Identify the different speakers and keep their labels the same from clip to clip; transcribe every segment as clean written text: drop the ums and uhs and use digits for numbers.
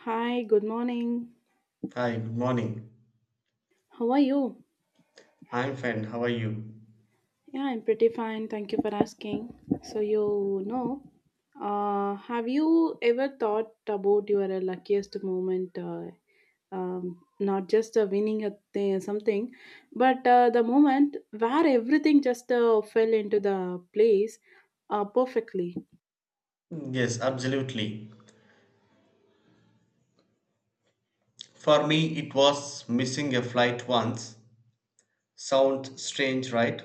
Speaker 1: Hi, good morning.
Speaker 2: Hi, good morning.
Speaker 1: How are you?
Speaker 2: I'm fine. How are you?
Speaker 1: Yeah, I'm pretty fine. Thank you for asking. So, have you ever thought about your luckiest moment? Not just winning something, but the moment where everything just fell into the place perfectly.
Speaker 2: Yes, absolutely. For me, it was missing a flight once. Sounds strange, right?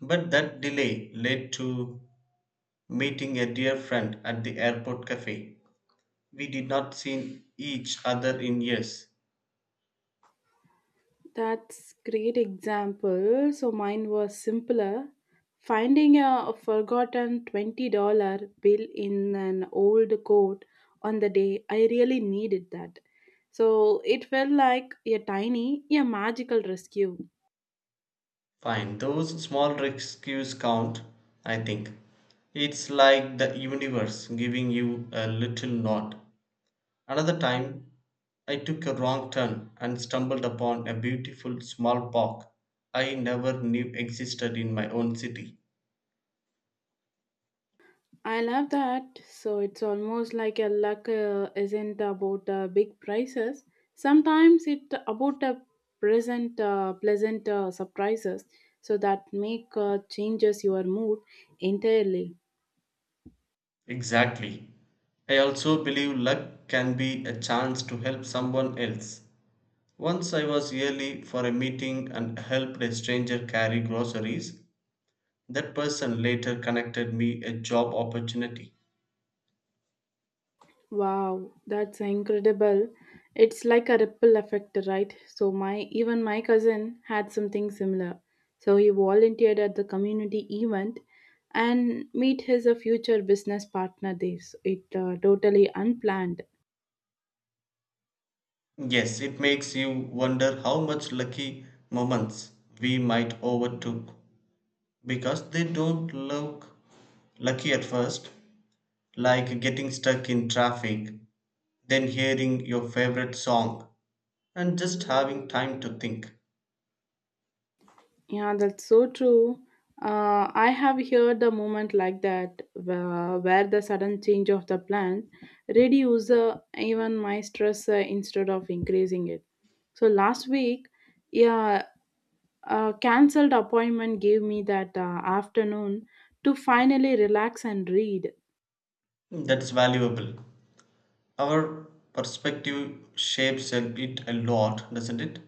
Speaker 2: But that delay led to meeting a dear friend at the airport cafe. We did not see each other in years.
Speaker 1: That's great example. So mine was simpler. Finding a forgotten $20 bill in an old coat on the day I really needed that. So it felt like a magical rescue.
Speaker 2: Fine, those small rescues count, I think. It's like the universe giving you a little nod. Another time, I took a wrong turn and stumbled upon a beautiful small park I never knew existed in my own city.
Speaker 1: I love that. So it's almost like a luck isn't about big prices. Sometimes it's about a present pleasant surprises. So that make changes your mood entirely.
Speaker 2: Exactly. I also believe luck can be a chance to help someone else. Once I was early for a meeting and helped a stranger carry groceries. That person later connected me a job opportunity.
Speaker 1: Wow, that's incredible. It's like a ripple effect, right? So my even my cousin had something similar. So he volunteered at the community event and meet his future business partner there. So it totally unplanned.
Speaker 2: Yes, it makes you wonder how much lucky moments we might overlook because they don't look lucky at first, like getting stuck in traffic, then hearing your favorite song, and just having time to think.
Speaker 1: Yeah, that's so true. I have heard a moment like that where the sudden change of the plan reduce even my stress instead of increasing it. So last week, yeah, a cancelled appointment gave me that afternoon to finally relax and read.
Speaker 2: That's valuable. Our perspective shapes it a lot, doesn't it?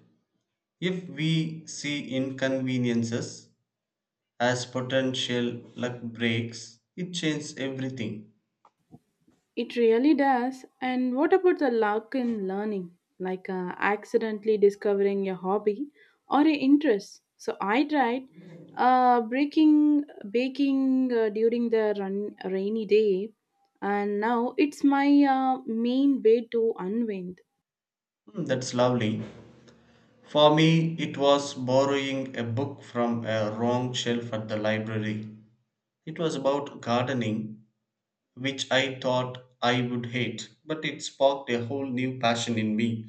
Speaker 2: If we see inconveniences as potential luck breaks, it changes everything.
Speaker 1: It really does. And what about the luck in learning? Like accidentally discovering a hobby or a interest. So I tried uh, breaking, baking during the rainy day, and now it's my main way to unwind.
Speaker 2: That's lovely. For me, it was borrowing a book from a wrong shelf at the library. It was about gardening, which I thought I would hate, but it sparked a whole new passion in me.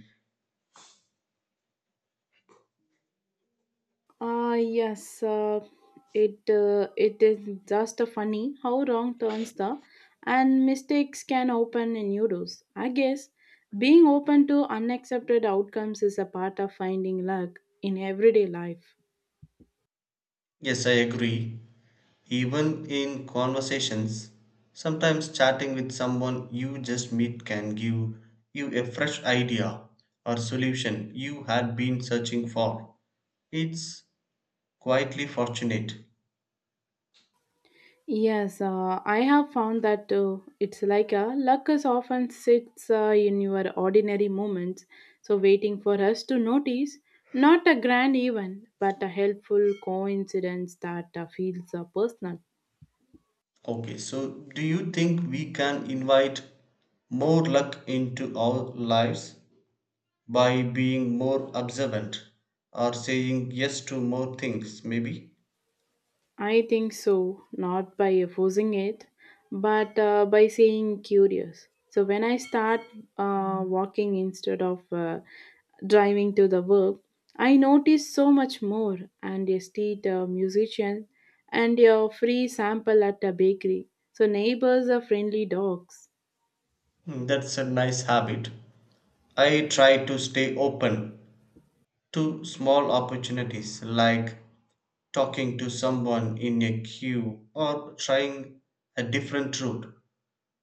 Speaker 1: Yes, it is just a funny how wrong turns the and mistakes can open a new doors. I guess being open to unaccepted outcomes is a part of finding luck in everyday life.
Speaker 2: Yes, I agree. Even in conversations, sometimes chatting with someone you just meet can give you a fresh idea or solution you had been searching for. It's quietly fortunate.
Speaker 1: Yes, I have found that too. It's like a luck is often sits in your ordinary moments, so waiting for us to notice. Not a grand event, but a helpful coincidence that feels personal.
Speaker 2: Okay, so do you think we can invite more luck into our lives by being more observant or saying yes to more things, maybe?
Speaker 1: I think so, not by forcing it, but by saying curious. So when I start walking instead of driving to the work, I notice so much more. And a street musician and a free sample at a bakery. So neighbors are friendly dogs.
Speaker 2: That's a nice habit. I try to stay open to small opportunities like talking to someone in a queue or trying a different route.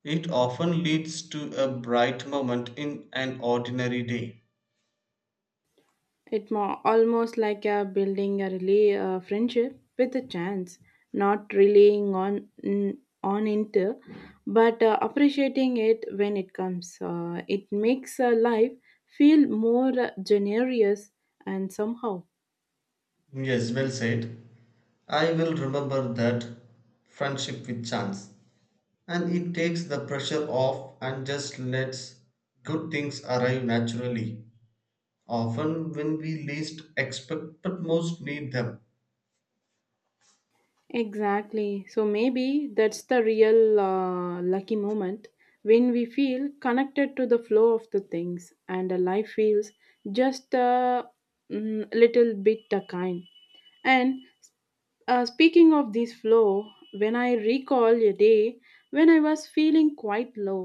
Speaker 2: It often leads to a bright moment in an ordinary day.
Speaker 1: It more almost like a building a really friendship with a chance, not relying on it, but appreciating it when it comes. It makes life feel more generous and somehow.
Speaker 2: Yes, well said. I will remember that friendship with chance. And it takes the pressure off and just lets good things arrive naturally, often when we least expect but most need them.
Speaker 1: Exactly. So maybe that's the real lucky moment when we feel connected to the flow of the things and life feels just a little bit kind and. Speaking of this flow, when I recall a day when I was feeling quite low,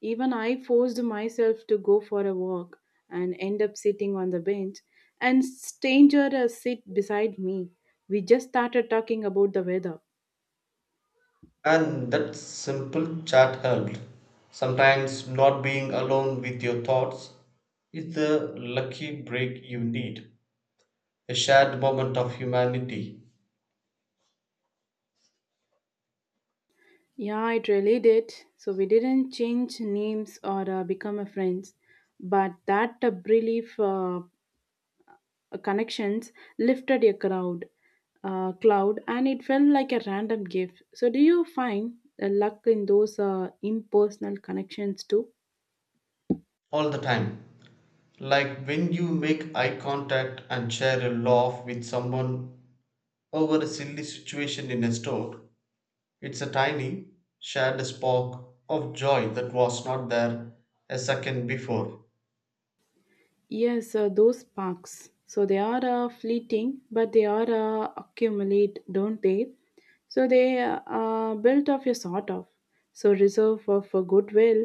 Speaker 1: even I forced myself to go for a walk and end up sitting on the bench and stranger sit beside me. We just started talking about the weather.
Speaker 2: And that simple chat helped. Sometimes not being alone with your thoughts is the lucky break you need, a shared moment of humanity
Speaker 1: Yeah, it really did. So we didn't change names or become a friends, but that relief connections lifted a crowd cloud, and it felt like a random gift. So do you find luck in those impersonal connections too?
Speaker 2: all the time. Like when you make eye contact and share a laugh with someone over a silly situation in a store, it's a tiny, shared spark of joy that was not there a second before.
Speaker 1: Yes, those sparks. So they are fleeting, but they are accumulate, don't they? So they are built of a sort of so reserve of a goodwill,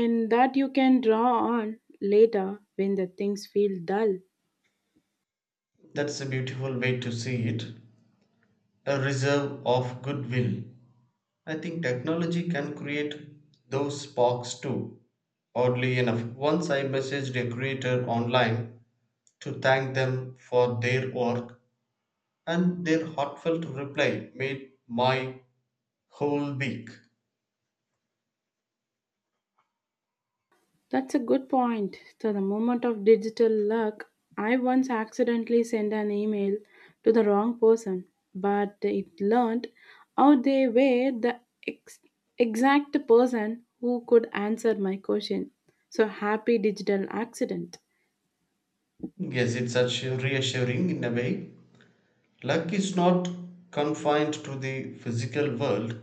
Speaker 1: and that you can draw on later when the things feel dull.
Speaker 2: That's a beautiful way to see it. A reserve of goodwill. I think technology can create those sparks too. Oddly enough, once I messaged a creator online to thank them for their work, and their heartfelt reply made my whole week.
Speaker 1: That's a good point. To the moment of digital luck, I once accidentally sent an email to the wrong person, but it learned how they were the ex- exact person who could answer my question. So happy digital accident.
Speaker 2: Yes, it's such reassuring in a way. Luck is not confined to the physical world,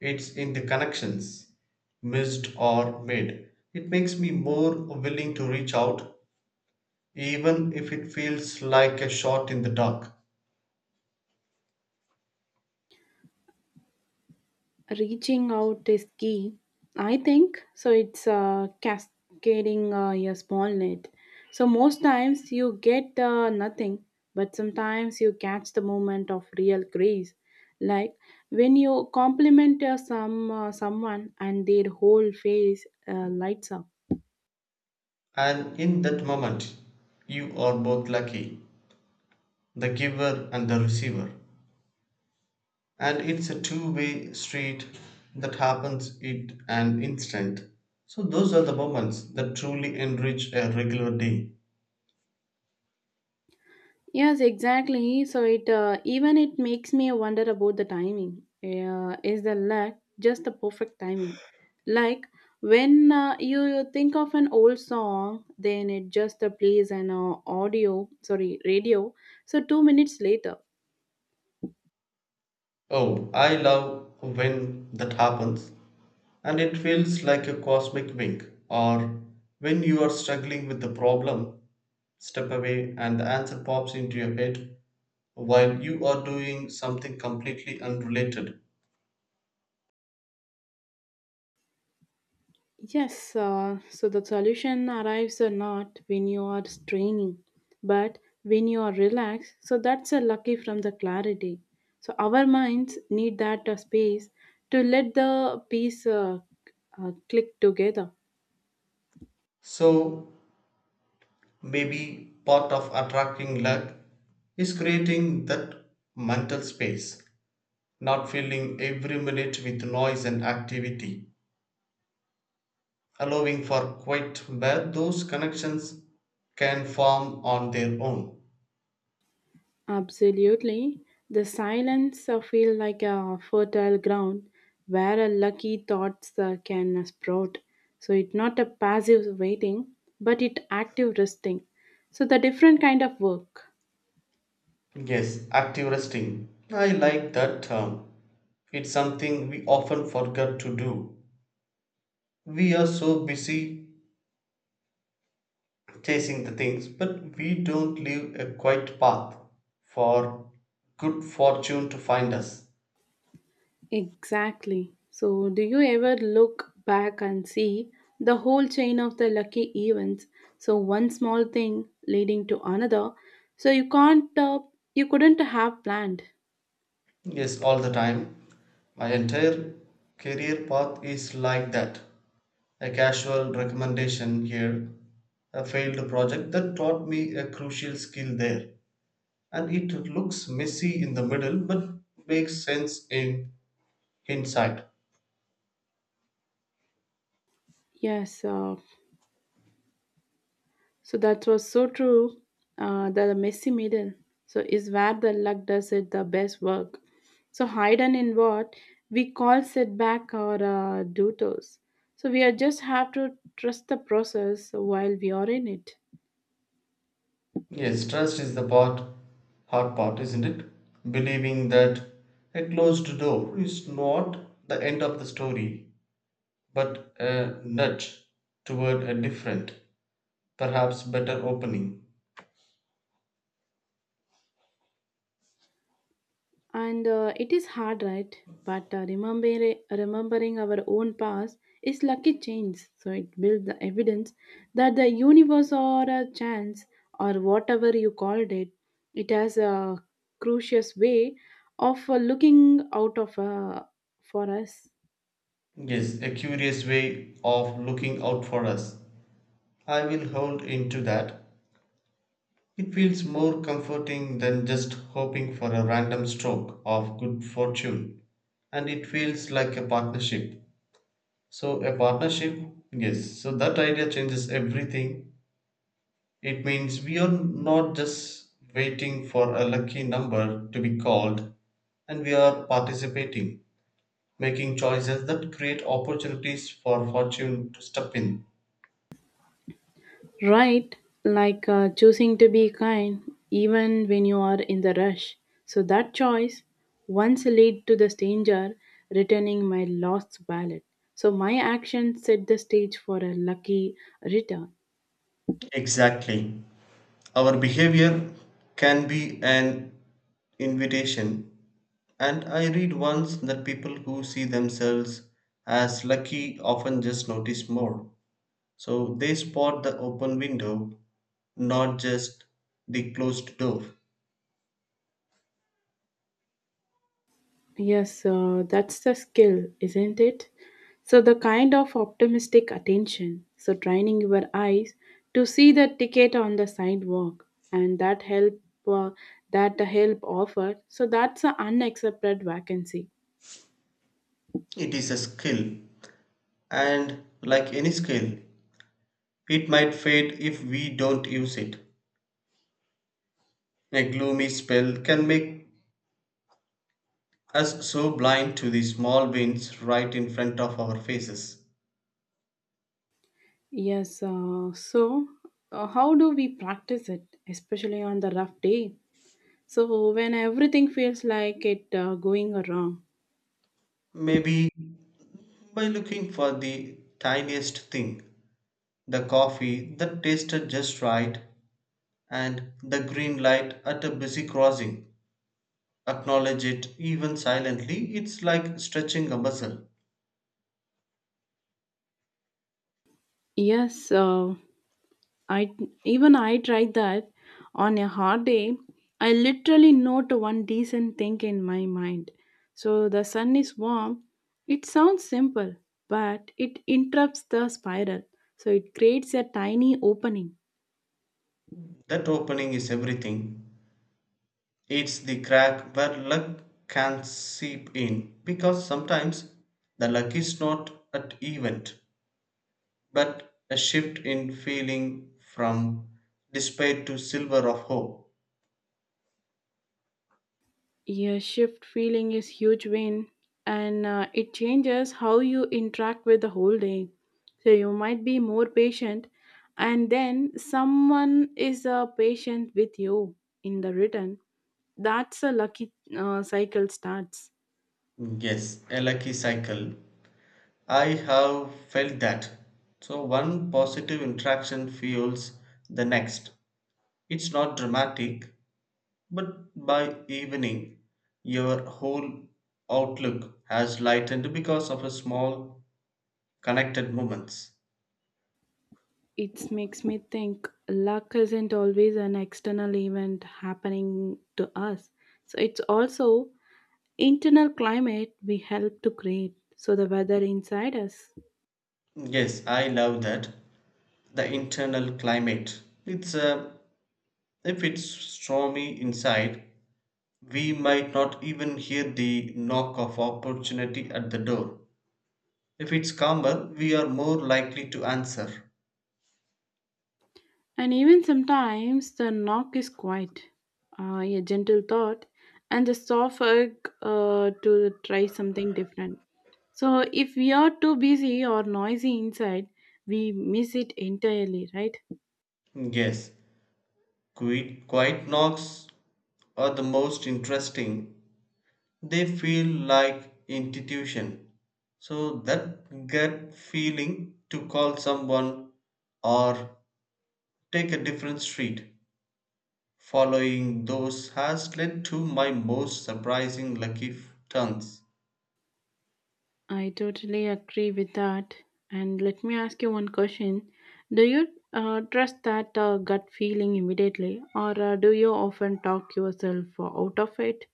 Speaker 2: it's in the connections, missed or made. It makes me more willing to reach out, even if it feels like a shot in the dark.
Speaker 1: Reaching out is key, I think. So it's cascading a small net. So most times you get nothing, but sometimes you catch the moment of real grace. Like when you compliment someone and their whole face lights up.
Speaker 2: And in that moment, you are both lucky, the giver and the receiver. And it's a two-way street that happens in an instant. So those are the moments that truly enrich a regular day.
Speaker 1: Yes, exactly. So it even it makes me wonder about the timing. Is the lack just the perfect timing? Like when you think of an old song, then it just plays an audio, sorry, radio. So 2 minutes later.
Speaker 2: Oh, I love when that happens. And it feels like a cosmic wink, or when you are struggling with the problem, step away and the answer pops into your head while you are doing something completely unrelated.
Speaker 1: Yes, so the solution arrives or not when you are straining, but when you are relaxed. So that's a lucky from the clarity. So our minds need that space to let the piece click together.
Speaker 2: So maybe part of attracting luck is creating that mental space, not filling every minute with noise and activity, allowing for quiet where those connections can form on their own.
Speaker 1: Absolutely, the silence feel like a fertile ground where a lucky thoughts can sprout. So it's not a passive waiting, but it active resting. So the different kind of work.
Speaker 2: Yes, active resting. I like that term. It's something we often forget to do. We are so busy chasing the things, but we don't leave a quiet path for good fortune to find us.
Speaker 1: Exactly. So, do you ever look back and see the whole chain of the lucky events? So, one small thing leading to another. So, you couldn't have planned.
Speaker 2: Yes, all the time. My entire career path is like that. A casual recommendation here, a failed project that taught me a crucial skill there. And it looks messy in the middle but makes sense in hindsight.
Speaker 1: Yes. So, that was so true. The messy middle. So, is where the luck does it the best work. So, hidden in what we call setback or detours. So, we are just have to trust the process while we are in it.
Speaker 2: Yes, trust is the hard part, isn't it? Believing that a closed door is not the end of the story, but a nudge toward a different, perhaps better opening.
Speaker 1: And it is hard, right? But remembering our own past is lucky chance. So it builds the evidence that the universe or a chance or whatever you called it, it has a crucious way of looking out of for us.
Speaker 2: Yes, a curious way of looking out for us. I will hold into that. It feels more comforting than just hoping for a random stroke of good fortune. And it feels like a partnership. So, a partnership, yes, so that idea changes everything. It means we are not just waiting for a lucky number to be called, and we are participating, making choices that create opportunities for fortune to step in.
Speaker 1: Right, like choosing to be kind even when you are in the rush. So that choice once led to the stranger returning my lost wallet. So my action set the stage for a lucky return.
Speaker 2: Exactly. Our behavior can be an invitation. And I read once that people who see themselves as lucky often just notice more. So they spot the open window, not just the closed door.
Speaker 1: Yes, that's the skill, isn't it? So, the kind of optimistic attention. So, training your eyes to see the ticket on the sidewalk and uh, that the help offered. So, that's an unaccepted vacancy.
Speaker 2: It is a skill, and like any skill, it might fade if we don't use it. A gloomy spell can make us so blind to the small wins right in front of our faces.
Speaker 1: Yes, so how do we practice it, especially on the rough day? So, when everything feels like it going wrong.
Speaker 2: Maybe by looking for the tiniest thing, the coffee that tasted just right, and the green light at a busy crossing. Acknowledge it even silently, it's like stretching a muscle.
Speaker 1: Yes, I even I tried that on a hot day. I literally not one decent thing in my mind. So the sun is warm. It sounds simple, but it interrupts the spiral. So it creates a tiny opening.
Speaker 2: That opening is everything. It's the crack where luck can seep in, because sometimes the luck is not an event but a shift in feeling from despair to silver of hope.
Speaker 1: Your shift feeling is huge win, and it changes how you interact with the whole day. So you might be more patient, and then someone is patient with you in the return. That's a lucky cycle starts.
Speaker 2: Yes, a lucky cycle. I have felt that. So one positive interaction fuels the next. It's not dramatic, but by evening, your whole outlook has lightened because of a small connected moments.
Speaker 1: It makes me think luck isn't always an external event happening to us. So it's also internal climate we help to create. So the weather inside us.
Speaker 2: Yes, I love that. The internal climate. It's a, if it's stormy inside, we might not even hear the knock of opportunity at the door. If it's calmer, we are more likely to answer.
Speaker 1: And even sometimes the knock is quiet, a gentle thought, and the soft urge to try something different. So if we are too busy or noisy inside, we miss it entirely, right?
Speaker 2: Yes, quiet knocks are the most interesting. They feel like intuition. So that gut feeling to call someone or take a different street. Following those has led to my most surprising lucky turns.
Speaker 1: I totally agree with that. And let me ask you one question. Do you trust that gut feeling immediately, or do you often talk yourself out of it?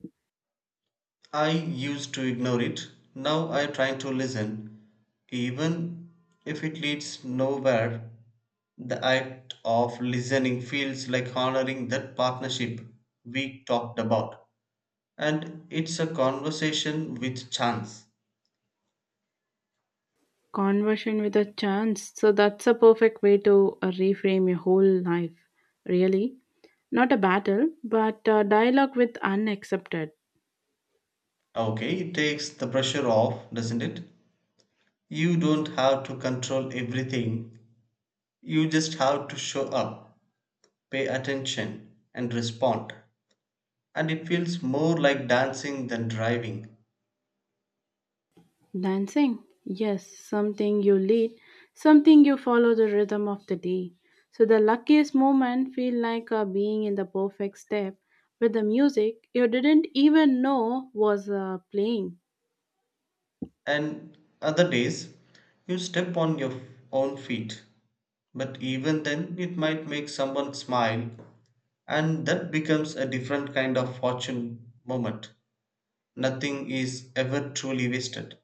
Speaker 2: I used to ignore it, now I try to listen, even if it leads nowhere. The act of listening feels like honoring that partnership we talked about. And it's a conversation with chance.
Speaker 1: Conversion with a chance. So that's a perfect way to reframe your whole life, really. Not a battle, but a dialogue with unaccepted.
Speaker 2: Okay, it takes the pressure off, doesn't it? You don't have to control everything, you just have to show up, pay attention, and respond. And it feels more like dancing than driving.
Speaker 1: Dancing? Yes, something you lead, something you follow the rhythm of the day. So the luckiest moment feel like being in the perfect step with the music you didn't even know was playing.
Speaker 2: And other days, you step on your own feet. But even then, it might make someone smile, and that becomes a different kind of fortune moment. Nothing is ever truly wasted.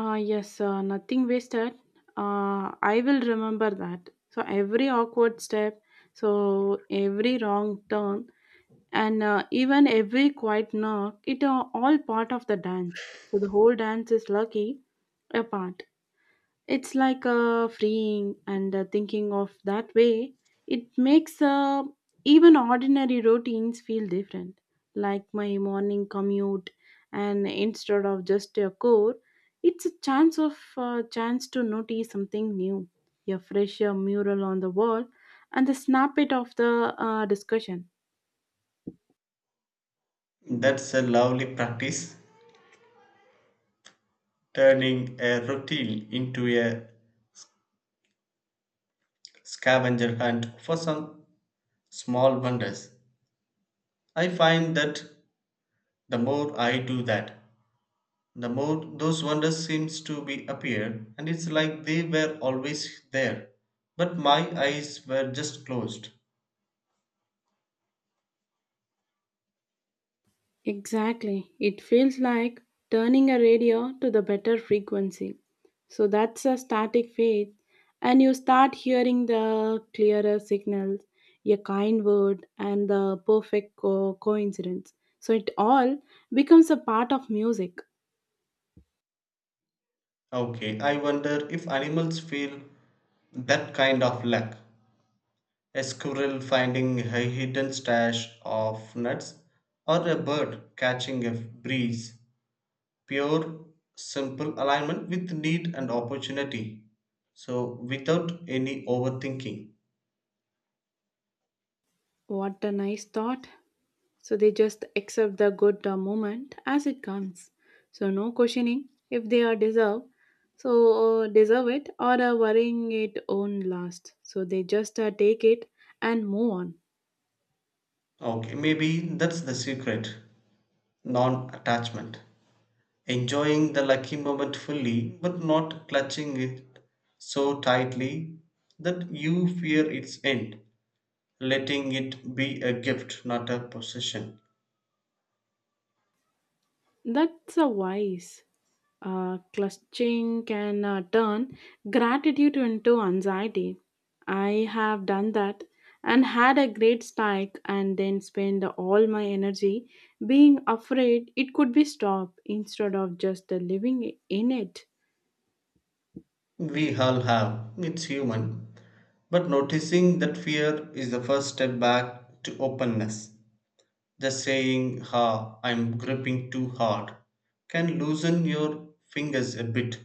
Speaker 1: Yes, nothing wasted. I will remember that. So every awkward step, so every wrong turn, and even every quiet knock, it are all part of the dance. So the whole dance is lucky apart. It's like a freeing and thinking of that way. It makes even ordinary routines feel different, like my morning commute, and instead of just a core, it's a chance to notice something new, a fresh mural on the wall, and the snippet of the discussion.
Speaker 2: That's a lovely practice, turning a routine into a scavenger hunt for some small wonders. I find that the more I do that, the more those wonders seems to be appear, and it's like they were always there but my eyes were just closed.
Speaker 1: Exactly. It feels like turning a radio to the better frequency. So that's a static phase, and you start hearing the clearer signals, a kind word, and the perfect coincidence. So it all becomes a part of music.
Speaker 2: Okay, I wonder if animals feel that kind of lack. A squirrel finding a hidden stash of nuts or a bird catching a breeze, pure, simple alignment with need and opportunity. So, without any overthinking.
Speaker 1: What a nice thought! So they just accept the good moment as it comes. So no questioning if they are deserve. So deserve it or worrying it own last. So they just take it and move on.
Speaker 2: Okay, maybe that's the secret, non attachment. Enjoying the lucky moment fully, but not clutching it so tightly that you fear its end. Letting it be a gift, not a possession.
Speaker 1: That's a wise. Clutching can turn gratitude into anxiety. I have done that and had a great spike, and then spend all my energy being afraid it could be stopped instead of just living in it.
Speaker 2: We all have, it's human. But noticing that fear is the first step back to openness. The saying, "Ha, I'm gripping too hard," can loosen your fingers a bit.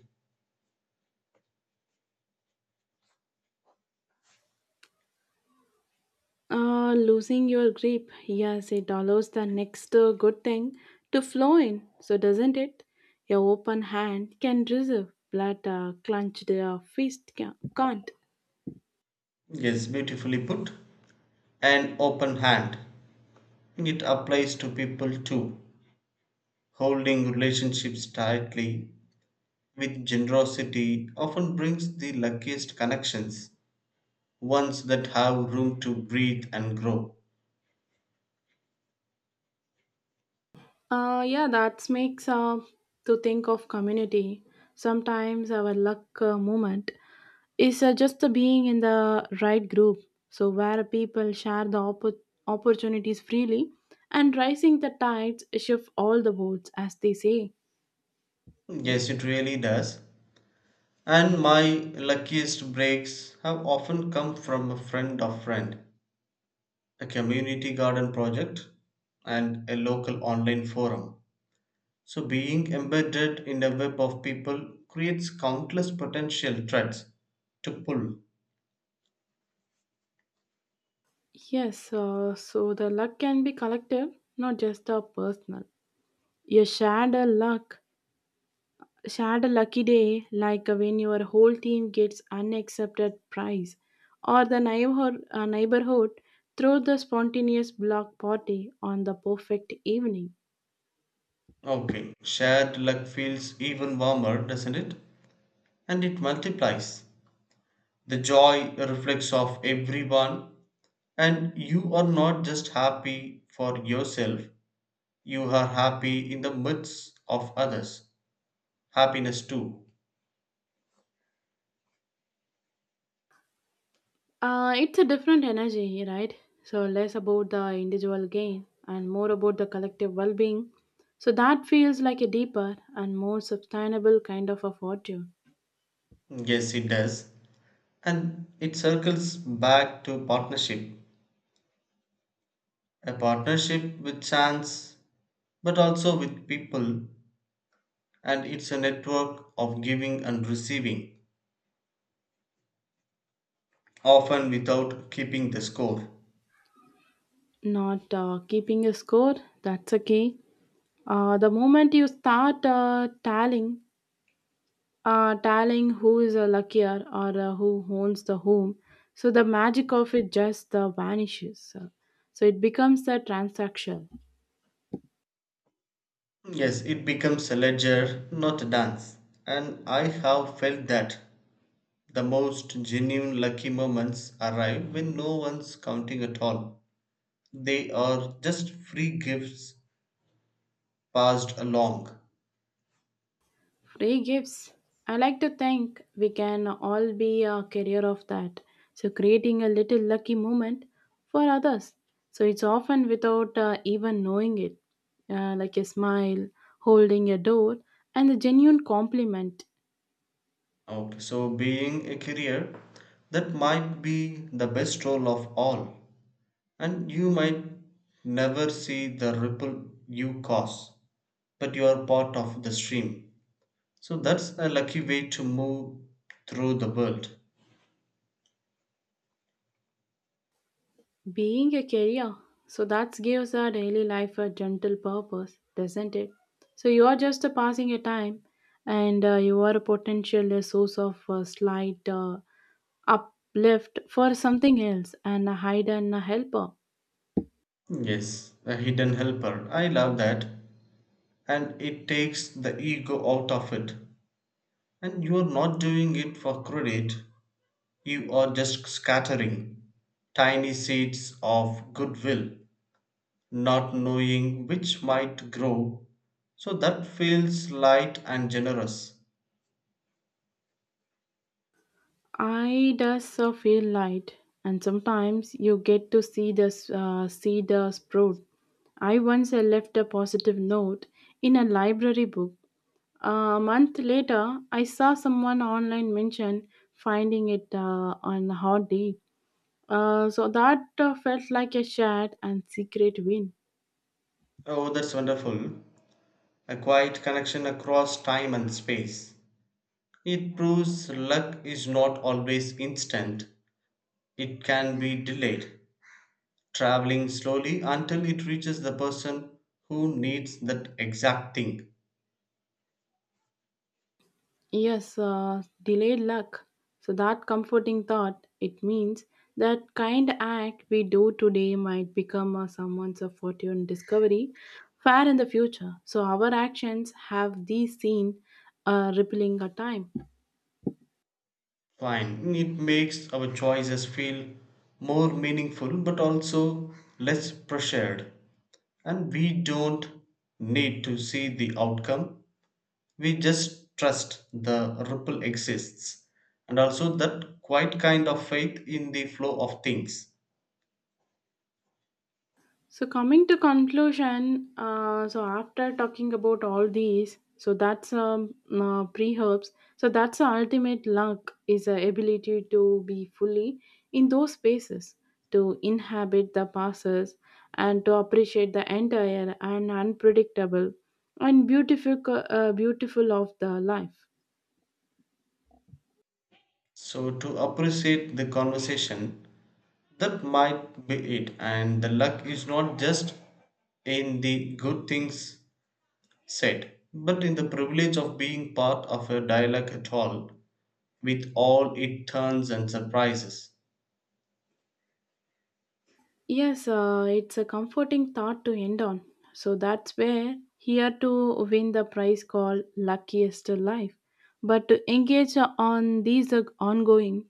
Speaker 1: Losing your grip, yes, it allows the next good thing to flow in, so doesn't it? Your open hand can reserve, but a clenched fist can't.
Speaker 2: Yes, beautifully put. An open hand. It applies to people too. Holding relationships tightly with generosity often brings the luckiest connections, ones that have room to breathe and grow.
Speaker 1: Yeah, that makes to think of community. Sometimes our luck moment is just the being in the right group, so where people share the opportunities freely and rising the tides shift all the boats, as they say.
Speaker 2: Yes, it really does. And my luckiest breaks have often come from a friend of friend, a community garden project, and a local online forum. So, being embedded in a web of people creates countless potential threads to pull.
Speaker 1: Yes, so the luck can be collective, not just the personal. You shared a luck Shared a lucky day, like when your whole team gets unaccepted prize, or the neighborhood throw the spontaneous block party on the perfect evening.
Speaker 2: Okay, shared luck feels even warmer, doesn't it? And it multiplies. The joy reflects off everyone, and you are not just happy for yourself, you are happy in the midst of others. Happiness too.
Speaker 1: It's a different energy, right? So less about the individual gain and more about the collective well-being. So that feels like a deeper and more sustainable kind of a fortune.
Speaker 2: Yes, it does. And it circles back to partnership, a partnership with chance, but also with people, and it's a network of giving and receiving, often without keeping the score.
Speaker 1: Not keeping a score, that's a key. The moment you start tallying telling who is luckier or who owns the home. So the magic of it just vanishes. So it becomes a transaction.
Speaker 2: Yes, it becomes a ledger, not a dance. And I have felt that the most genuine lucky moments arrive when no one's counting at all. They are just free gifts passed along.
Speaker 1: Free gifts. I like to think we can all be a carrier of that. So creating a little lucky moment for others. So it's often without even knowing it, like a smile, holding a door, and a genuine compliment.
Speaker 2: Okay, so being a career, that might be the best role of all, and you might never see the ripple you cause, but you are part of the stream. So that's a lucky way to move through the world.
Speaker 1: Being a career, so that gives our daily life a gentle purpose, doesn't it? So you are just passing your time, and you are a potential source of slight uplift for something else, and a hide and a helper.
Speaker 2: Yes, a hidden helper. I love that, and it takes the ego out of it. And you are not doing it for credit, you are just scattering tiny seeds of goodwill, not knowing which might grow. So that feels light and generous.
Speaker 1: I does feel light, and sometimes you get to see the sprout. I once left a positive note in a library book. A month later, I saw someone online mention finding it on a hot day. So that felt like a shared and secret win.
Speaker 2: Oh, that's wonderful. A quiet connection across time and space. It proves luck is not always instant, it can be delayed, traveling slowly until it reaches the person who needs that exact thing.
Speaker 1: Yes, delayed luck. So that comforting thought, it means that kind act we do today might become someone's fortune discovery far in the future. So our actions have these seen rippling a time.
Speaker 2: Fine, it makes our choices feel more meaningful but also less pressured. And we don't need to see the outcome, we just trust the ripple exists, and also that quite kind of faith in the flow of things.
Speaker 1: So coming to conclusion, so after talking about all these, so that's pre-herbs. So that's the ultimate luck is the ability to be fully in those spaces, to inhabit the passes, and to appreciate the entire and unpredictable and beautiful, beautiful of the life.
Speaker 2: So to appreciate the conversation, that might be it. And the luck is not just in the good things said but in the privilege of being part of a dialogue at all, with all it turns and surprises.
Speaker 1: Yes, it's a comforting thought to end on. So that's where here to win the prize called Luckiest Life. But to engage on these ongoing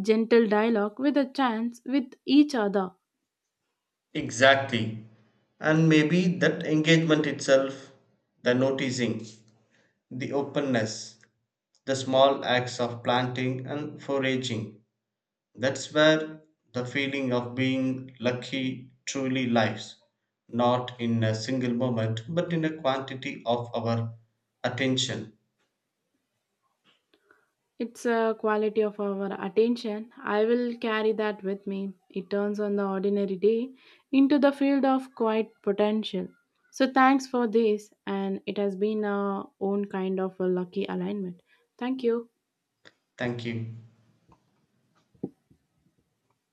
Speaker 1: gentle dialogue with a chance with each other.
Speaker 2: Exactly. And maybe that engagement itself, the noticing, the openness, the small acts of planting and foraging, that's where the feeling of being lucky truly lies. Not in a single moment, but in a quantity of our attention.
Speaker 1: It's a quality of our attention. I will carry that with me. It turns on the ordinary day into the field of quiet potential. So thanks for this, and it has been our own kind of a lucky alignment. Thank you.
Speaker 2: Thank you.